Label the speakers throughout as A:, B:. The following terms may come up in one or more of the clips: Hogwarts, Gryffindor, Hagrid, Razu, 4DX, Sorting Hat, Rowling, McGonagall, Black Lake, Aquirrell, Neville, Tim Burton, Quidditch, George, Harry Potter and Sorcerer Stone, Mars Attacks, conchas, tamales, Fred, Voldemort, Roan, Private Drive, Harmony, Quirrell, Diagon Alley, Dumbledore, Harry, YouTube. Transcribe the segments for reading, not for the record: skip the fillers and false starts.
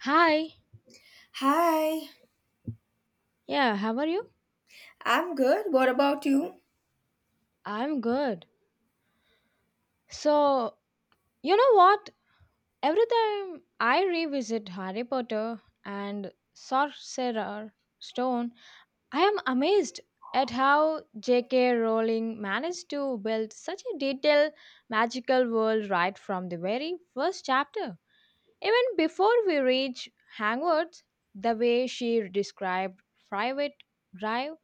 A: Hi.
B: Hi,
A: Yeah, how are you?
B: I'm good. What about you?
A: I'm good. So, you know what? Every time I revisit Harry Potter and Sorcerer Stone, I am amazed at how J.K. Rowling managed to build such a detailed magical world right from the very first chapter. Even before we reach Hogwarts, the way she described Private Drive,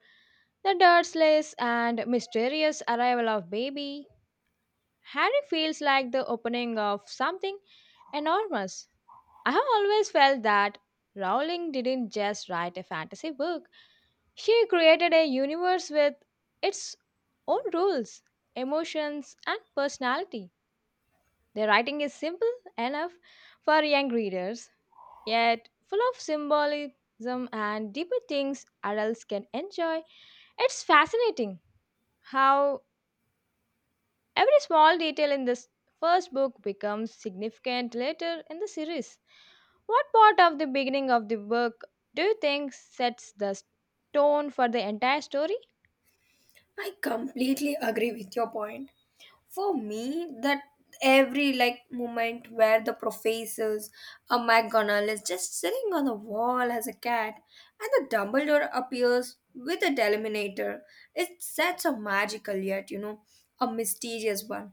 A: the Dursleys, and mysterious arrival of Baby Harry feels like the opening of something enormous. I have always felt that Rowling didn't just write a fantasy book, she created a universe with its own rules, emotions, and personality. The writing is simple enough for young readers, yet full of symbolism and deeper things adults can enjoy. It's fascinating how every small detail in this first book becomes significant later in the series. What part of the beginning of the book do you think sets the tone for the entire story?
B: I completely agree with your point. For me, that every moment where the professors a McGonagall is just sitting on the wall as a cat and the Dumbledore appears with a deliminator. It's such a magical yet, a mysterious one.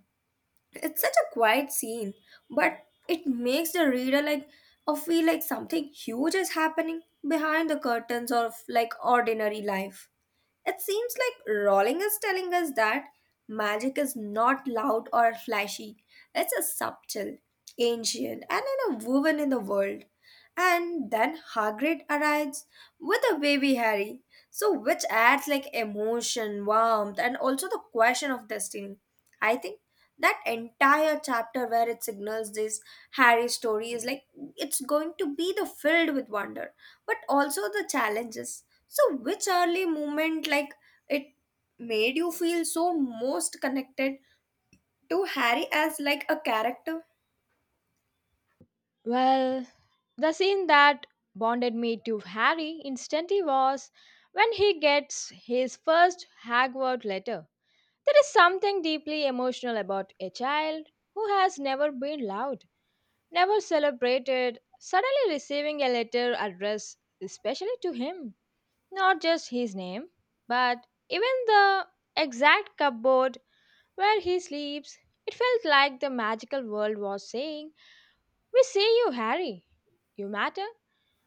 B: It's such a quiet scene, but it makes the reader or feel like something huge is happening behind the curtains of ordinary life. It seems like Rowling is telling us that magic is not loud or flashy. It's a subtle, ancient, and in a woven in the world. And then Hagrid arrives with a baby Harry, so which adds like emotion, warmth, and also the question of destiny. I think that entire chapter where it signals this Harry's story is like it's going to be the filled with wonder, but also the challenges. So which early moment like it made you feel so most connected to Harry as like a character?
A: Well, the scene that bonded me to Harry instantly was when he gets his first Hogwarts letter. There is something deeply emotional about a child who has never been loved, never celebrated, suddenly receiving a letter addressed especially to him. Not just his name, but even the exact cupboard where he sleeps. It felt like the magical world was saying, "We see you, Harry. You matter."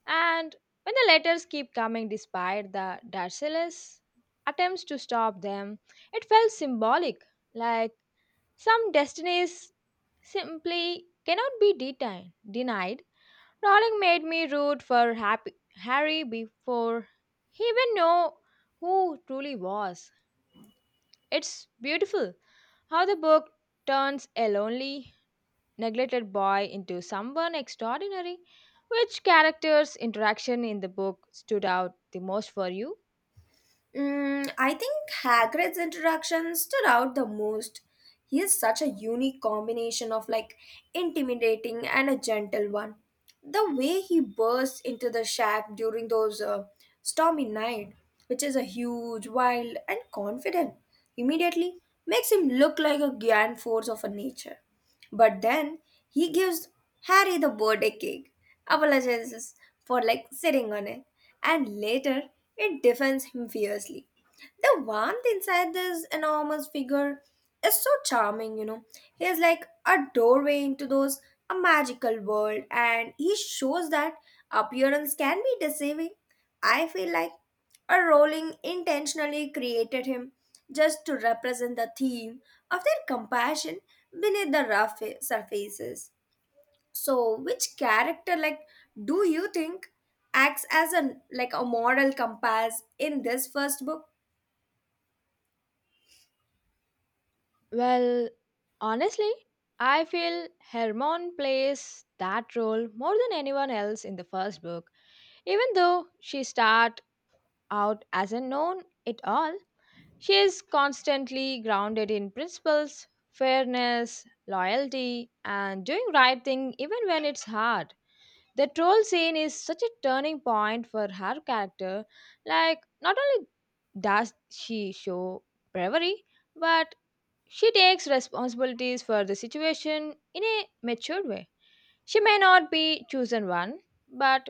A: And when the letters keep coming despite the Darcellus attempts to stop them, it felt symbolic, like some destinies simply cannot be denied. Rowling made me root for Happy Harry before he even knew who truly was. It's beautiful how the book turns a lonely, neglected boy into someone extraordinary. Which character's interaction in the book stood out the most for you?
B: Mm, I think Hagrid's introduction stood out the most. He is such a unique combination of like intimidating and a gentle one. The way he bursts into the shack during those stormy night, which is a huge, wild, and confident, immediately makes him look like a grand force of a nature. But then he gives Harry the birthday cake, apologizes for like sitting on it, and later it defends him fiercely. The warmth inside this enormous figure is so charming, you know. He is like a doorway into those a magical world, and he shows that appearance can be deceiving. I feel like a rolling intentionally created him just to represent the theme of their compassion beneath the rough surfaces. So, which character, like, do you think acts as a like a moral compass in this first book?
A: Well, honestly, I feel Hermione plays that role more than anyone else in the first book. Even though she start out as a known it all, she is constantly grounded in principles, fairness, loyalty, and doing right thing even when it's hard. The troll scene is such a turning point for her character. Like, not only does she show bravery, but she takes responsibilities for the situation in a matured way. She may not be chosen one, but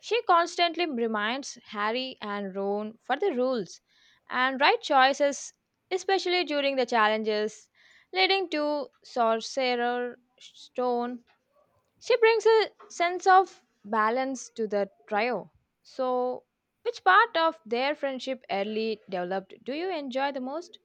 A: she constantly reminds Harry and Ron for the rules and right choices, especially during the challenges leading to Sorcerer Stone. She brings a sense of balance to the trio. So, which part of their friendship early developed do you enjoy the most?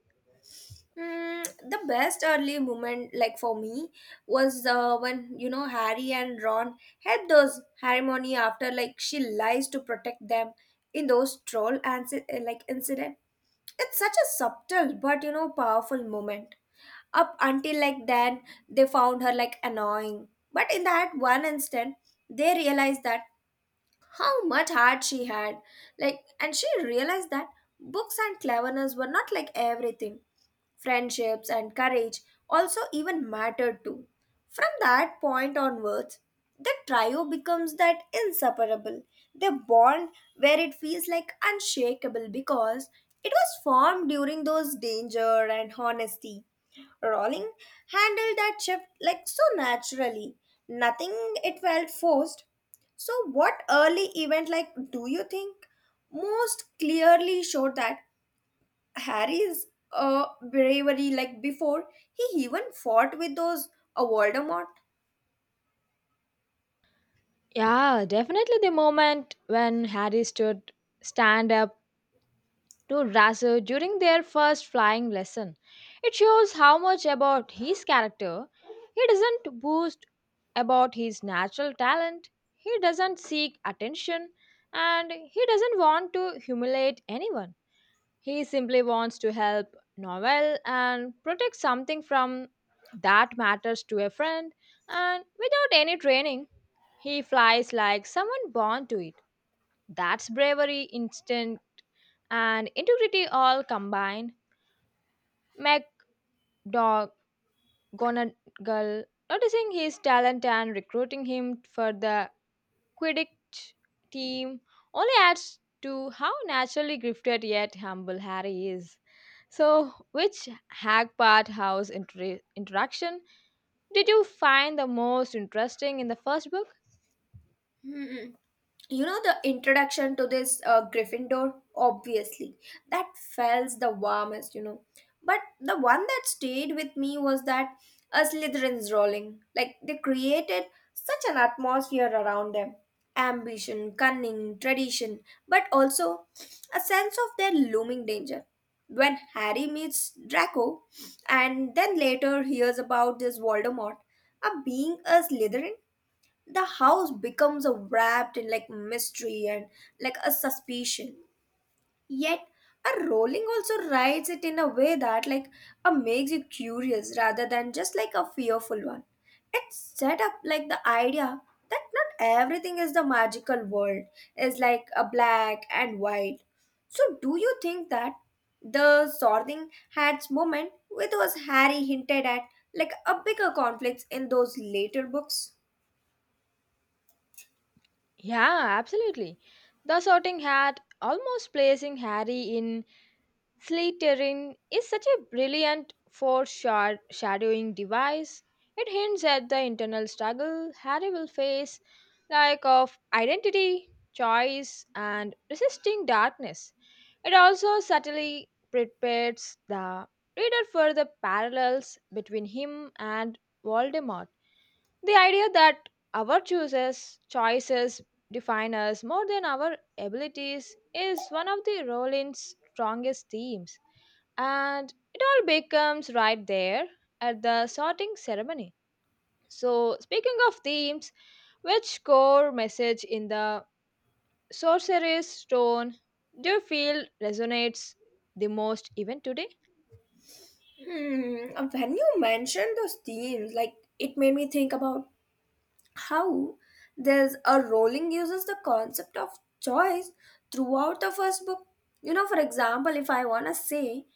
B: Mm, the best early moment, like for me, was when you know Harry and Ron had those Harmony after like she lies to protect them in those troll and like incident. It's such a subtle but you know powerful moment. Up until like then, they found her like annoying, but in that one instant, they realized that how much heart she had, like, and she realized that books and cleverness were not like everything friendships, and courage also even mattered too. From that point onwards, the trio becomes that inseparable, the bond where it feels like unshakable because it was formed during those danger and honesty. Rowling handled that shift like so naturally. Nothing it felt forced. So, what early event like do you think most clearly showed that Harry's bravery, like before he even fought with those Voldemort.
A: Yeah, definitely the moment when Harry stood stand up to Razu during their first flying lesson. It shows how much about his character. He doesn't boast about his natural talent. He doesn't seek attention and he doesn't want to humiliate anyone. He simply wants to help Noel and protect something from that matters to a friend and without any training. He flies like someone born to it. That's bravery, instinct, and integrity all combined. Make Dog Gonagal noticing his talent and recruiting him for the Quidditch team only adds to how naturally gifted yet humble Harry is. So, which Hagpart House interaction did you find the most interesting in the first book?
B: Hmm, you know the introduction to this gryffindor obviously that felt the warmest you know but the one that stayed with me was that a slytherin's rolling like they created such an atmosphere around them ambition cunning tradition but also a sense of their looming danger when harry meets draco and then later hears about this voldemort a being a slytherin the house becomes a wrapped in like mystery and like a suspicion yet a Rowling also writes it in a way that like a makes you curious rather than just like a fearful one it set up like the idea that not everything is the magical world is like a black and white so do you think that the sorting hats moment with was harry hinted at like a bigger conflicts in those later books.
A: Yeah, absolutely. The Sorting Hat almost placing Harry in Slytherin is such a brilliant foreshadowing device. It hints at the internal struggle Harry will face, like of identity, choice, and resisting darkness. It also subtly prepares the reader for the parallels between him and Voldemort. The idea that our choices define us more than our abilities is one of the Rowling's strongest themes, and it all becomes right there at the sorting ceremony. So, speaking of themes, which core message in the Sorcerer's Stone do you feel resonates the most even today?
B: Hmm, when you mentioned those themes, like it made me think about how there's a Rowling uses the concept of choice throughout the first book. You know, for example, if I wanna say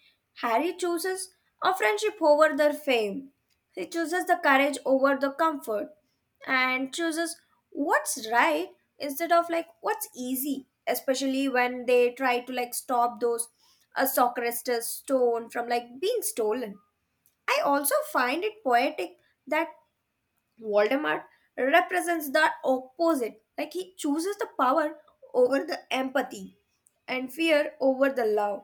B: Harry chooses a friendship over their fame, he chooses the courage over the comfort, and chooses what's right instead of like what's easy, especially when they try to like stop those a Socrates stone from like being stolen. I also find it poetic that Voldemort represents the opposite. Like he chooses the power over the empathy and fear over the love.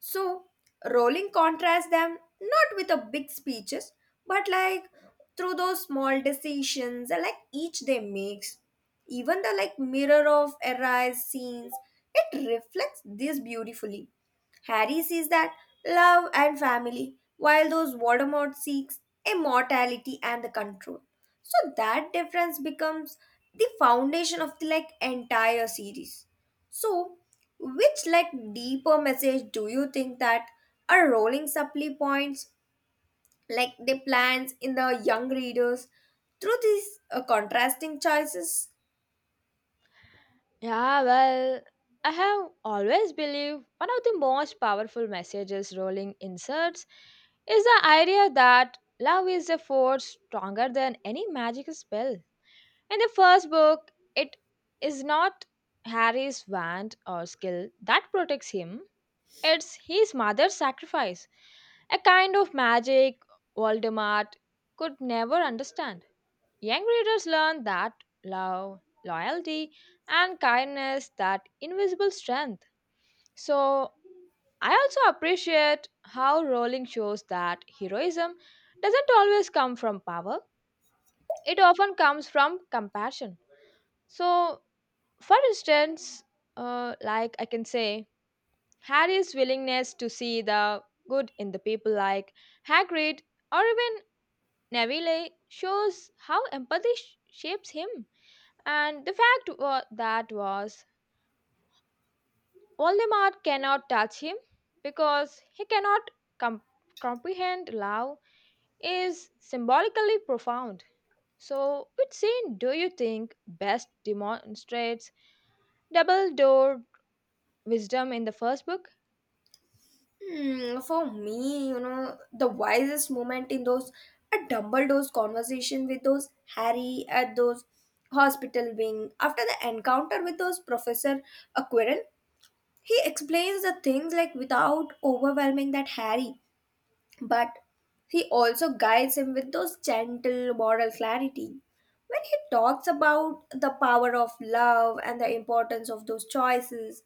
B: So, Rowling contrasts them not with a big speeches, but like through those small decisions and like each they makes. Even the like mirror of Arise scenes, it reflects this beautifully. Harry sees that love and family, while those Voldemort seeks immortality and the control. So that difference becomes the foundation of the like entire series. So which like deeper message do you think that are rolling supply points like the plans in the young readers through these contrasting choices?
A: Yeah, well, I have always believed one of the most powerful messages rolling inserts is the idea that love is a force stronger than any magic spell. In the first book, it is not Harry's wand or skill that protects him, it's his mother's sacrifice, a kind of magic Voldemort could never understand. Young readers learn that love, loyalty, and kindness that invisible strength. So I also appreciate how Rowling shows that heroism doesn't always come from power. It often comes from compassion. So, for instance, like I can say, Harry's willingness to see the good in the people like Hagrid or even Neville shows how empathy shapes him. And the fact that was Voldemort cannot touch him because he cannot com- comprehend love is symbolically profound. So, which scene do you think best demonstrates double-door wisdom in the first book?
B: Hmm, for me, you know, the wisest moment in those a Dumbledore's conversation with those Harry at those hospital wing after the encounter with those Professor Aquirrell. He explains the things like without overwhelming that Harry, but he also guides him with those gentle moral clarity. When he talks about the power of love and the importance of those choices,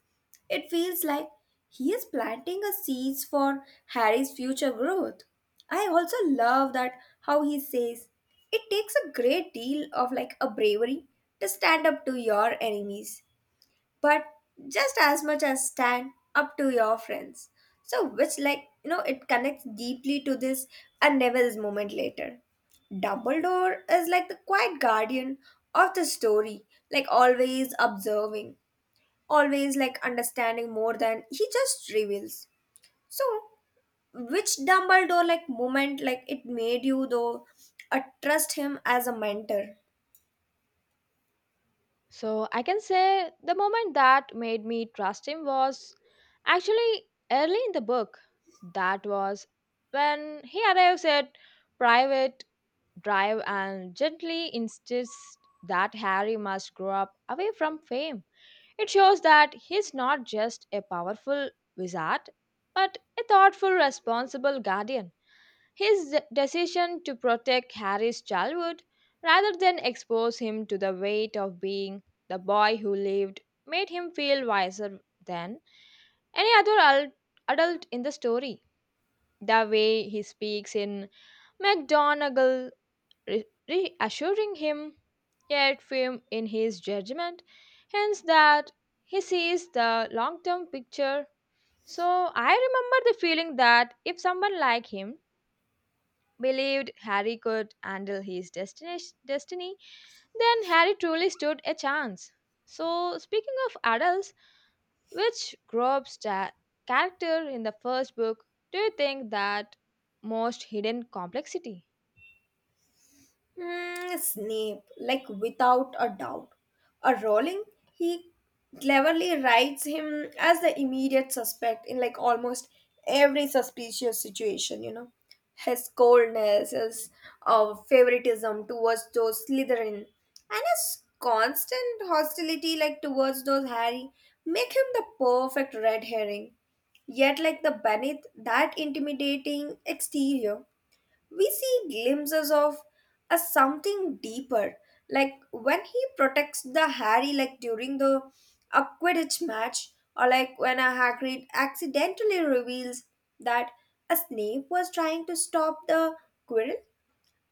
B: it feels like he is planting a seeds for Harry's future growth. I also love that how he says it takes a great deal of like a bravery to stand up to your enemies but just as much as stand up to your friends. So, which, like, you know, it connects deeply to this and Neville's moment later. Dumbledore is like the quiet guardian of the story, like, always observing, always like understanding more than he just reveals. So, which Dumbledore like moment like it made you though trust him as a mentor?
A: So I can say the moment that made me trust him was actually early in the book. That was when he arrives at private drive and gently insists that Harry must grow up away from fame. It shows that he's not just a powerful wizard, but a thoughtful, responsible guardian. His decision to protect Harry's childhood rather than expose him to the weight of being the boy who lived made him feel wiser than any other adult in the story. The way he speaks in McGonagall, reassuring him, yet firm in his judgment, hence that he sees the long term picture. So I remember the feeling that if someone like him believed Harry could handle his destiny, then Harry truly stood a chance. So, speaking of adults, which group's character in the first book do you think that most hidden complexity?
B: Mm, Snape, like without a doubt. A Rowling, he cleverly writes him as the immediate suspect in like almost every suspicious situation, you know. His coldness, his favoritism towards those Slytherin, and his constant hostility like towards those Harry make him the perfect red herring. Yet, like the beneath that intimidating exterior, we see glimpses of a something deeper like when he protects the harry like during the a quidditch match or like when a hagrid accidentally reveals that a snape was trying to stop the quirrell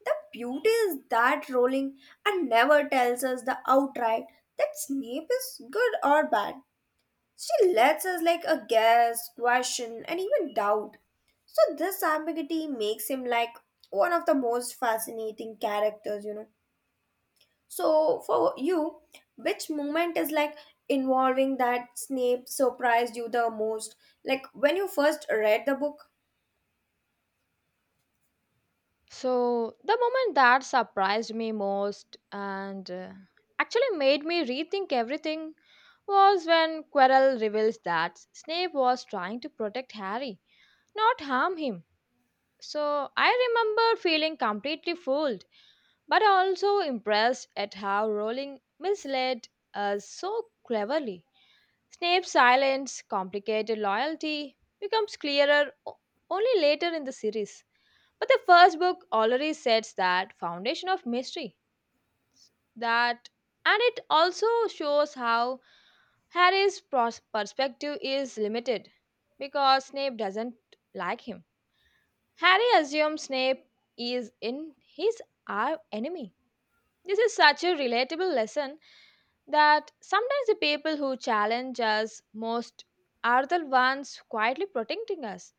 B: the beauty is that rowling and never tells us the outright that snape is good or bad she lets us like a guess, question, and even doubt. So this ambiguity makes him like one of the most fascinating characters, you know. So for you, which moment is like involving that Snape surprised you the most? Like when you first read the book,
A: So, the moment that surprised me most and actually made me rethink everything was when Quirrell reveals that Snape was trying to protect Harry, not harm him. So I remember feeling completely fooled, but also impressed at how Rowling misled us so cleverly. Snape's silence, complicated loyalty, becomes clearer only later in the series. But the first book already sets that foundation of mystery. That and it also shows how Harry's perspective is limited because Snape doesn't like him. Harry assumes Snape is in his our enemy. This is such a relatable lesson that sometimes the people who challenge us most are the ones quietly protecting us.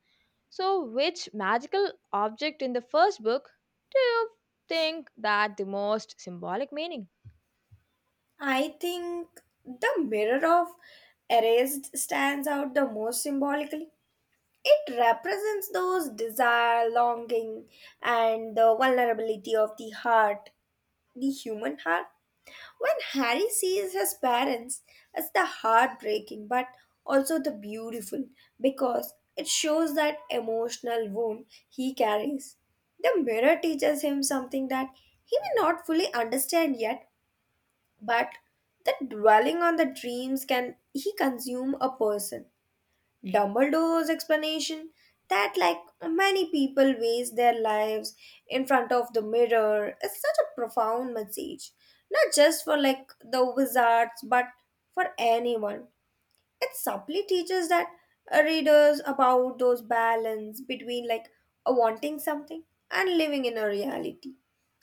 A: So, which magical object in the first book do you think that the most symbolic meaning?
B: I think the mirror of erased stands out the most symbolically. It represents those desire, longing, and the vulnerability of the heart. The human heart. When Harry sees his parents, it's the heartbreaking but also the beautiful because it shows that emotional wound he carries. The mirror teaches him something that he may not fully understand yet, but that dwelling on the dreams can he consume a person. Dumbledore's explanation that, like many people, waste their lives in front of the mirror is such a profound message, not just for like the wizards, but for anyone. It subtly teaches that readers about those balance between like wanting something and living in a reality.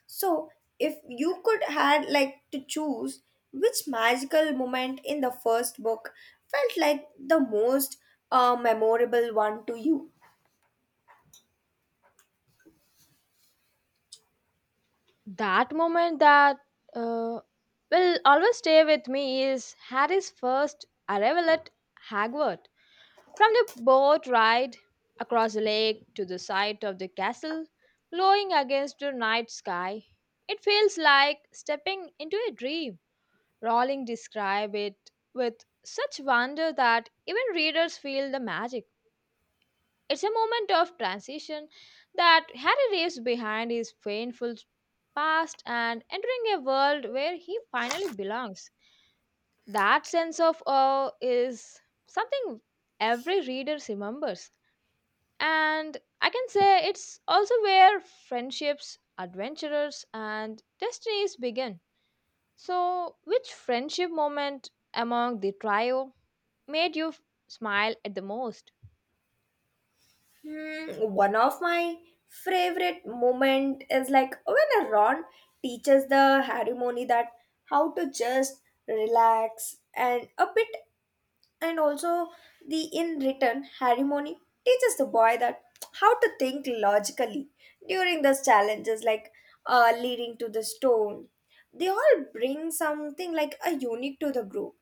B: So, if you could had like to choose which magical moment in the first book felt like the most memorable one to you?
A: That moment that uh, will always stay with me is Harry's first arrival at Hogwarts. From the boat ride across the lake to the site of the castle, glowing against the night sky, it feels like stepping into a dream. Rowling describes it with such wonder that even readers feel the magic. It's a moment of transition that Harry leaves behind his painful past and entering a world where he finally belongs. That sense of awe is something every reader remembers. And I can say it's also where friendships, adventures, and destinies begin. So, which friendship moment among the trio made you smile at the most?
B: Hmm, one of my favorite moment is like when Ron teaches the Harry Moni that how to just relax and a bit and also the in return harmony teaches the boy that how to think logically during those challenges like leading to the stone they all bring something like a unique to the group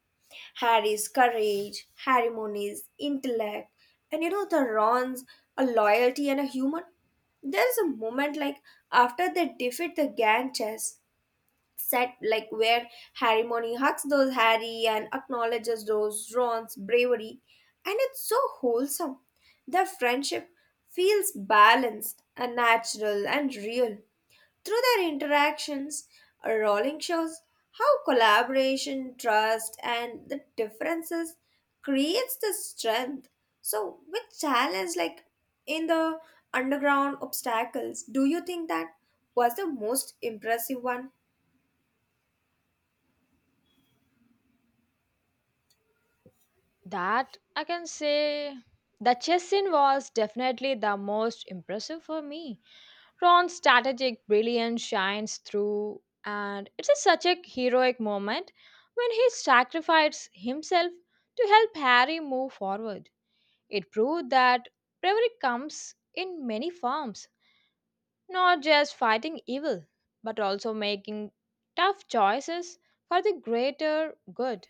B: harry's courage harmony's intellect and you know the ron's a loyalty and a humor there's a moment like after they defeat the gang chess set like where Harry Money hugs those Harry and acknowledges those Ron's bravery and it's so wholesome. Their friendship feels balanced and natural and real. Through their interactions, Rowling shows how collaboration, trust and the differences creates the strength. So with challenge like in the underground obstacles, do you think that was the most impressive one?
A: That I can say the chess scene was definitely the most impressive for me. Ron's strategic brilliance shines through, and it's a, such a heroic moment when he sacrifices himself to help Harry move forward. It proved that bravery comes in many forms, not just fighting evil, but also making tough choices for the greater good.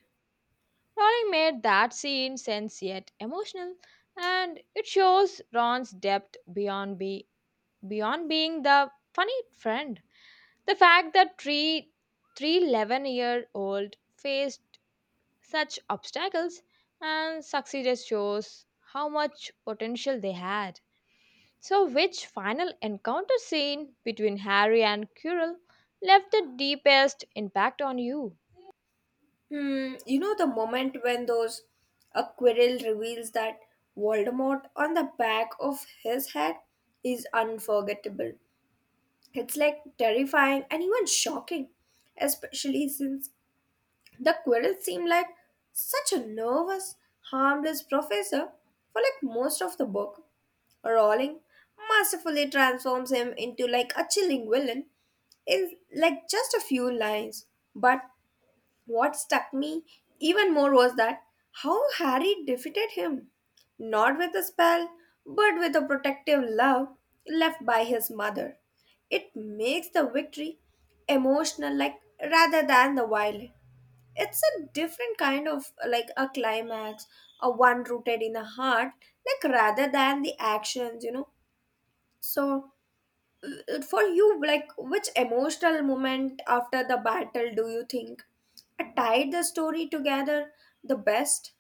A: Rowling made that scene sense yet emotional, and it shows Ron's depth beyond be beyond being the funny friend. The fact that three 311-year-old faced such obstacles and succeeded shows how much potential they had. So, which final encounter scene between Harry and Quirrell left the deepest impact on you?
B: Hmm, you know the moment when those a quirrell reveals that Voldemort on the back of his head is unforgettable. It's like terrifying and even shocking, especially since the quirrell seemed like such a nervous, harmless professor for like most of the book. Rowling mercifully transforms him into like a chilling villain in like just a few lines. But what struck me even more was that how Harry defeated him, not with a spell, but with a protective love left by his mother. It makes the victory emotional, like rather than the violent. It's a different kind of like a climax, a one rooted in the heart, like rather than the actions, you know. So for you like which emotional moment after the battle do you think tied the story together the best.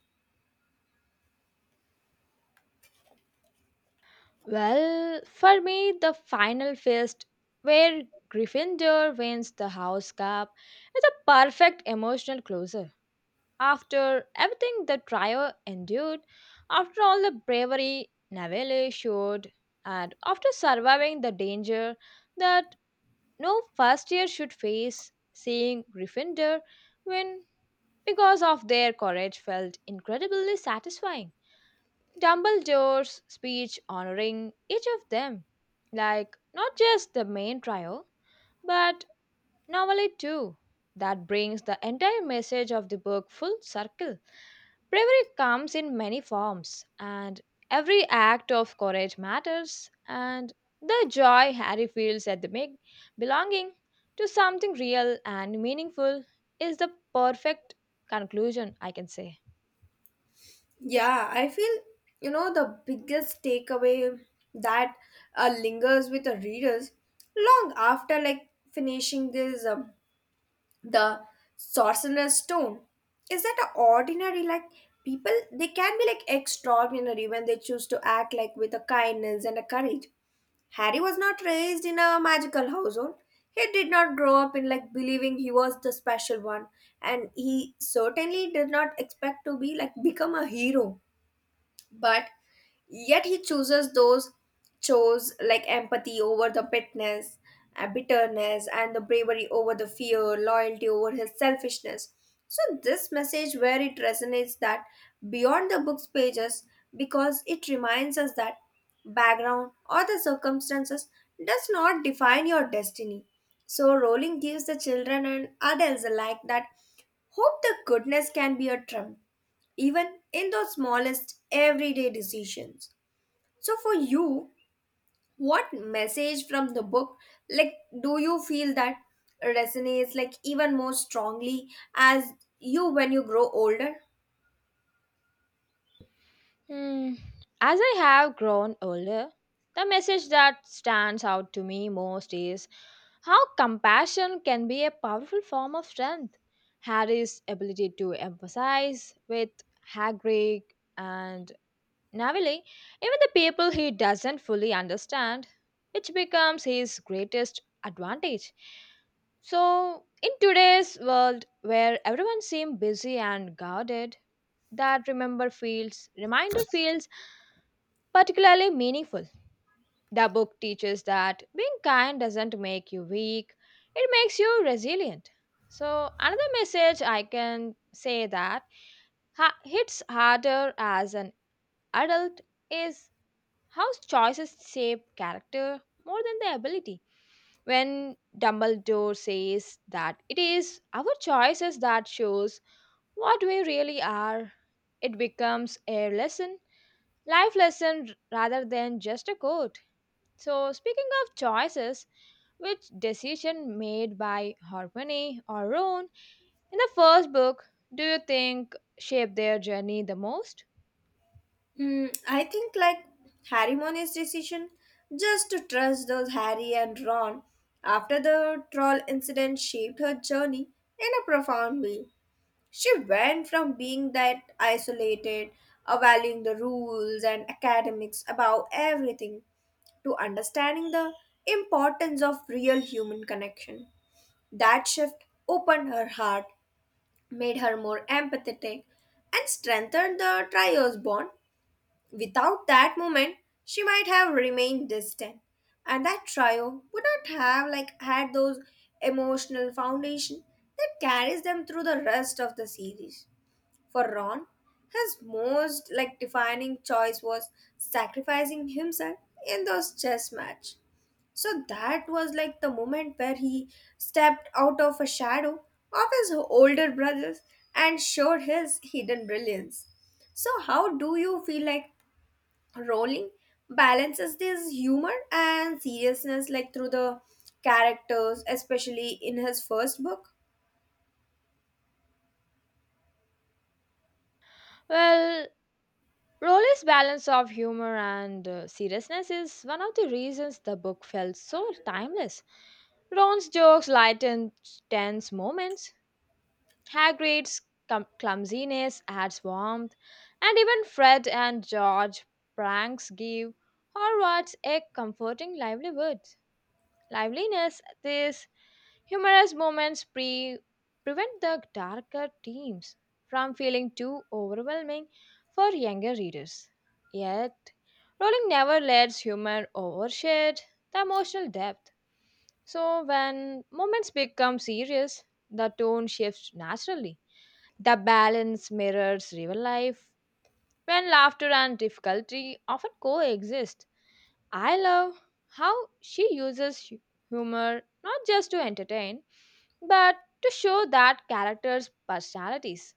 A: Well, for me, the final fist where Gryffindor wins the house cup is a perfect emotional closure. After everything the trio endured, after all the bravery Neville showed, and after surviving the danger that no first year should face, seeing Gryffindor win because of their courage felt incredibly satisfying. Dumbledore's speech honoring each of them, like not just the main trio, but normally too. That brings the entire message of the book full circle. Bravery comes in many forms, and every act of courage matters. And the joy Harry feels at the big belonging to something real and meaningful is the perfect conclusion, I can say.
B: Yeah, I feel you know the biggest takeaway that lingers with the readers long after like finishing this the sorcerer's stone is that a ordinary like people they can be like extraordinary when they choose to act like with a kindness and a courage. Harry was not raised in a magical household. He did not grow up in like believing he was the special one, and he certainly did not expect to be like become a hero but yet he chooses those chose like empathy over the bitterness bitterness and the bravery over the fear loyalty over his selfishness so this message where it resonates that beyond the book's pages because it reminds us that background or the circumstances does not define your destiny so rowling gives the children and adults alike that hope the goodness can be a triumph even in those smallest everyday decisions. So, for you, what message from the book, like, do you feel that resonates like even more strongly as you when you grow older?
A: Hmm. As I have grown older, the message that stands out to me most is how compassion can be a powerful form of strength. Harry's ability to empathize with Hagrid and Navili, even the people he doesn't fully understand, which becomes his greatest advantage. So, in today's world where everyone seems busy and guarded, that remember feels reminder feels particularly meaningful. The book teaches that being kind doesn't make you weak, it makes you resilient. So, another message I can say that hits harder as an adult is how choices shape character more than their ability. When Dumbledore says that it is our choices that shows what we really are, it becomes a life lesson rather than just a quote. So, speaking of choices, which decision made by Harmony or Roan in the first book do you think shaped their journey the most?
B: Hmm, I think like Harry Money's decision just to trust those Harry and Ron after the troll incident shaped her journey in a profound way. She went from being that isolated, valuing the rules and academics above everything, to understanding the importance of real human connection. That shift opened her heart, made her more empathetic, and strengthened the trio's bond. Without that moment, she might have remained distant, and that trio would not have like had those emotional foundation that carries them through the rest of the series. For Ron, his most like defining choice was sacrificing himself in those chess match. So that was like the moment where he stepped out of a shadow of his older brothers and showed his hidden brilliance. So how do you feel like Rowling balances this humor and seriousness like through the characters, especially in his first book?
A: Well, Rowley's balance of humor and seriousness is one of the reasons the book felt so timeless. Ron's jokes lightened tense moments, high grades, clumsiness adds warmth, and even Fred and George pranks give Hogwarts a comforting livelihood. These humorous moments prevent the darker themes from feeling too overwhelming for younger readers. Yet, Rowling never lets humor overshadow the emotional depth. So when moments become serious, the tone shifts naturally. The balance mirrors real life when laughter and difficulty often coexist. I love how she uses humor not just to entertain but to show that characters' personalities.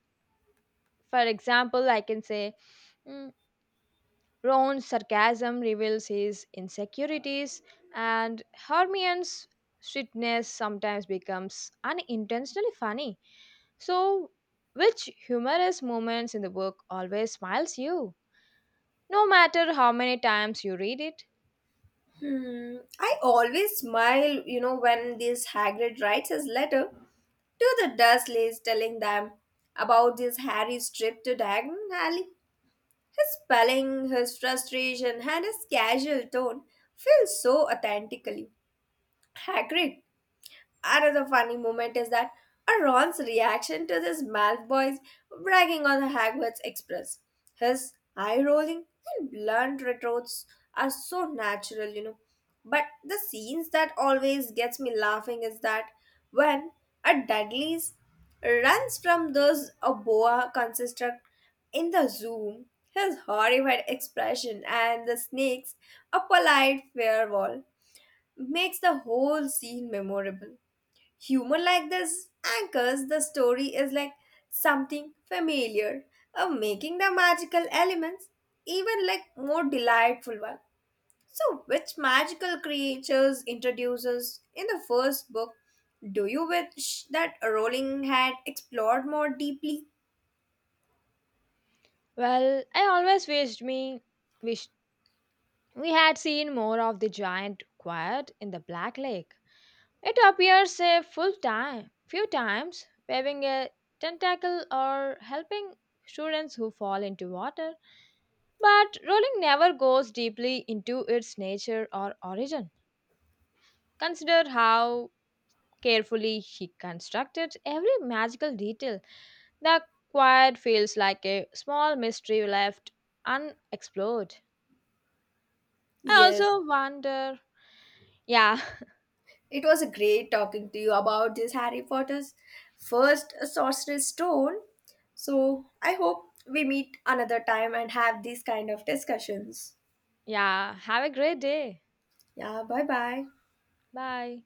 A: For example, I can say mm, Ron's sarcasm reveals his insecurities, and Hermione's sweetness sometimes becomes unintentionally funny. So, which humorous moments in the book always smiles you, no matter how many times you read it?
B: Hmm, I always smile, you know, when this Hagrid writes his letter to the Dursleys telling them about this Harry's trip to Diagon Alley. His spelling, his frustration, and his casual tone feel so authentically. Hagrid. Another funny moment is that Ron's reaction to this Malfoy's bragging on the Hogwarts Express. His eye rolling and blunt retorts are so natural, you know. But the scenes that always gets me laughing is that when a Dudley's runs from those a boa construct in the zoo, his horrified expression and the snakes, a polite farewell, makes the whole scene memorable humor like this anchors the story is like something familiar making the magical elements even like more delightful one so which magical creatures introduces in the first book do you wish that rowling had explored more deeply.
A: Well, I always wished we had seen more of the giant quiet in the Black Lake. It appears a full time few times, waving a tentacle or helping students who fall into water, but Rowling never goes deeply into its nature or origin. Consider how carefully, he constructed every magical detail. The quiet feels like a small mystery left unexplored. I
B: Yes,
A: also wonder. Yeah,
B: it was a great talking to you about this harry potter's first sorcerer's stone so I hope we meet another time and have these kind of discussions.
A: yeah. Have a great day.
B: Yeah, bye bye.
A: Bye.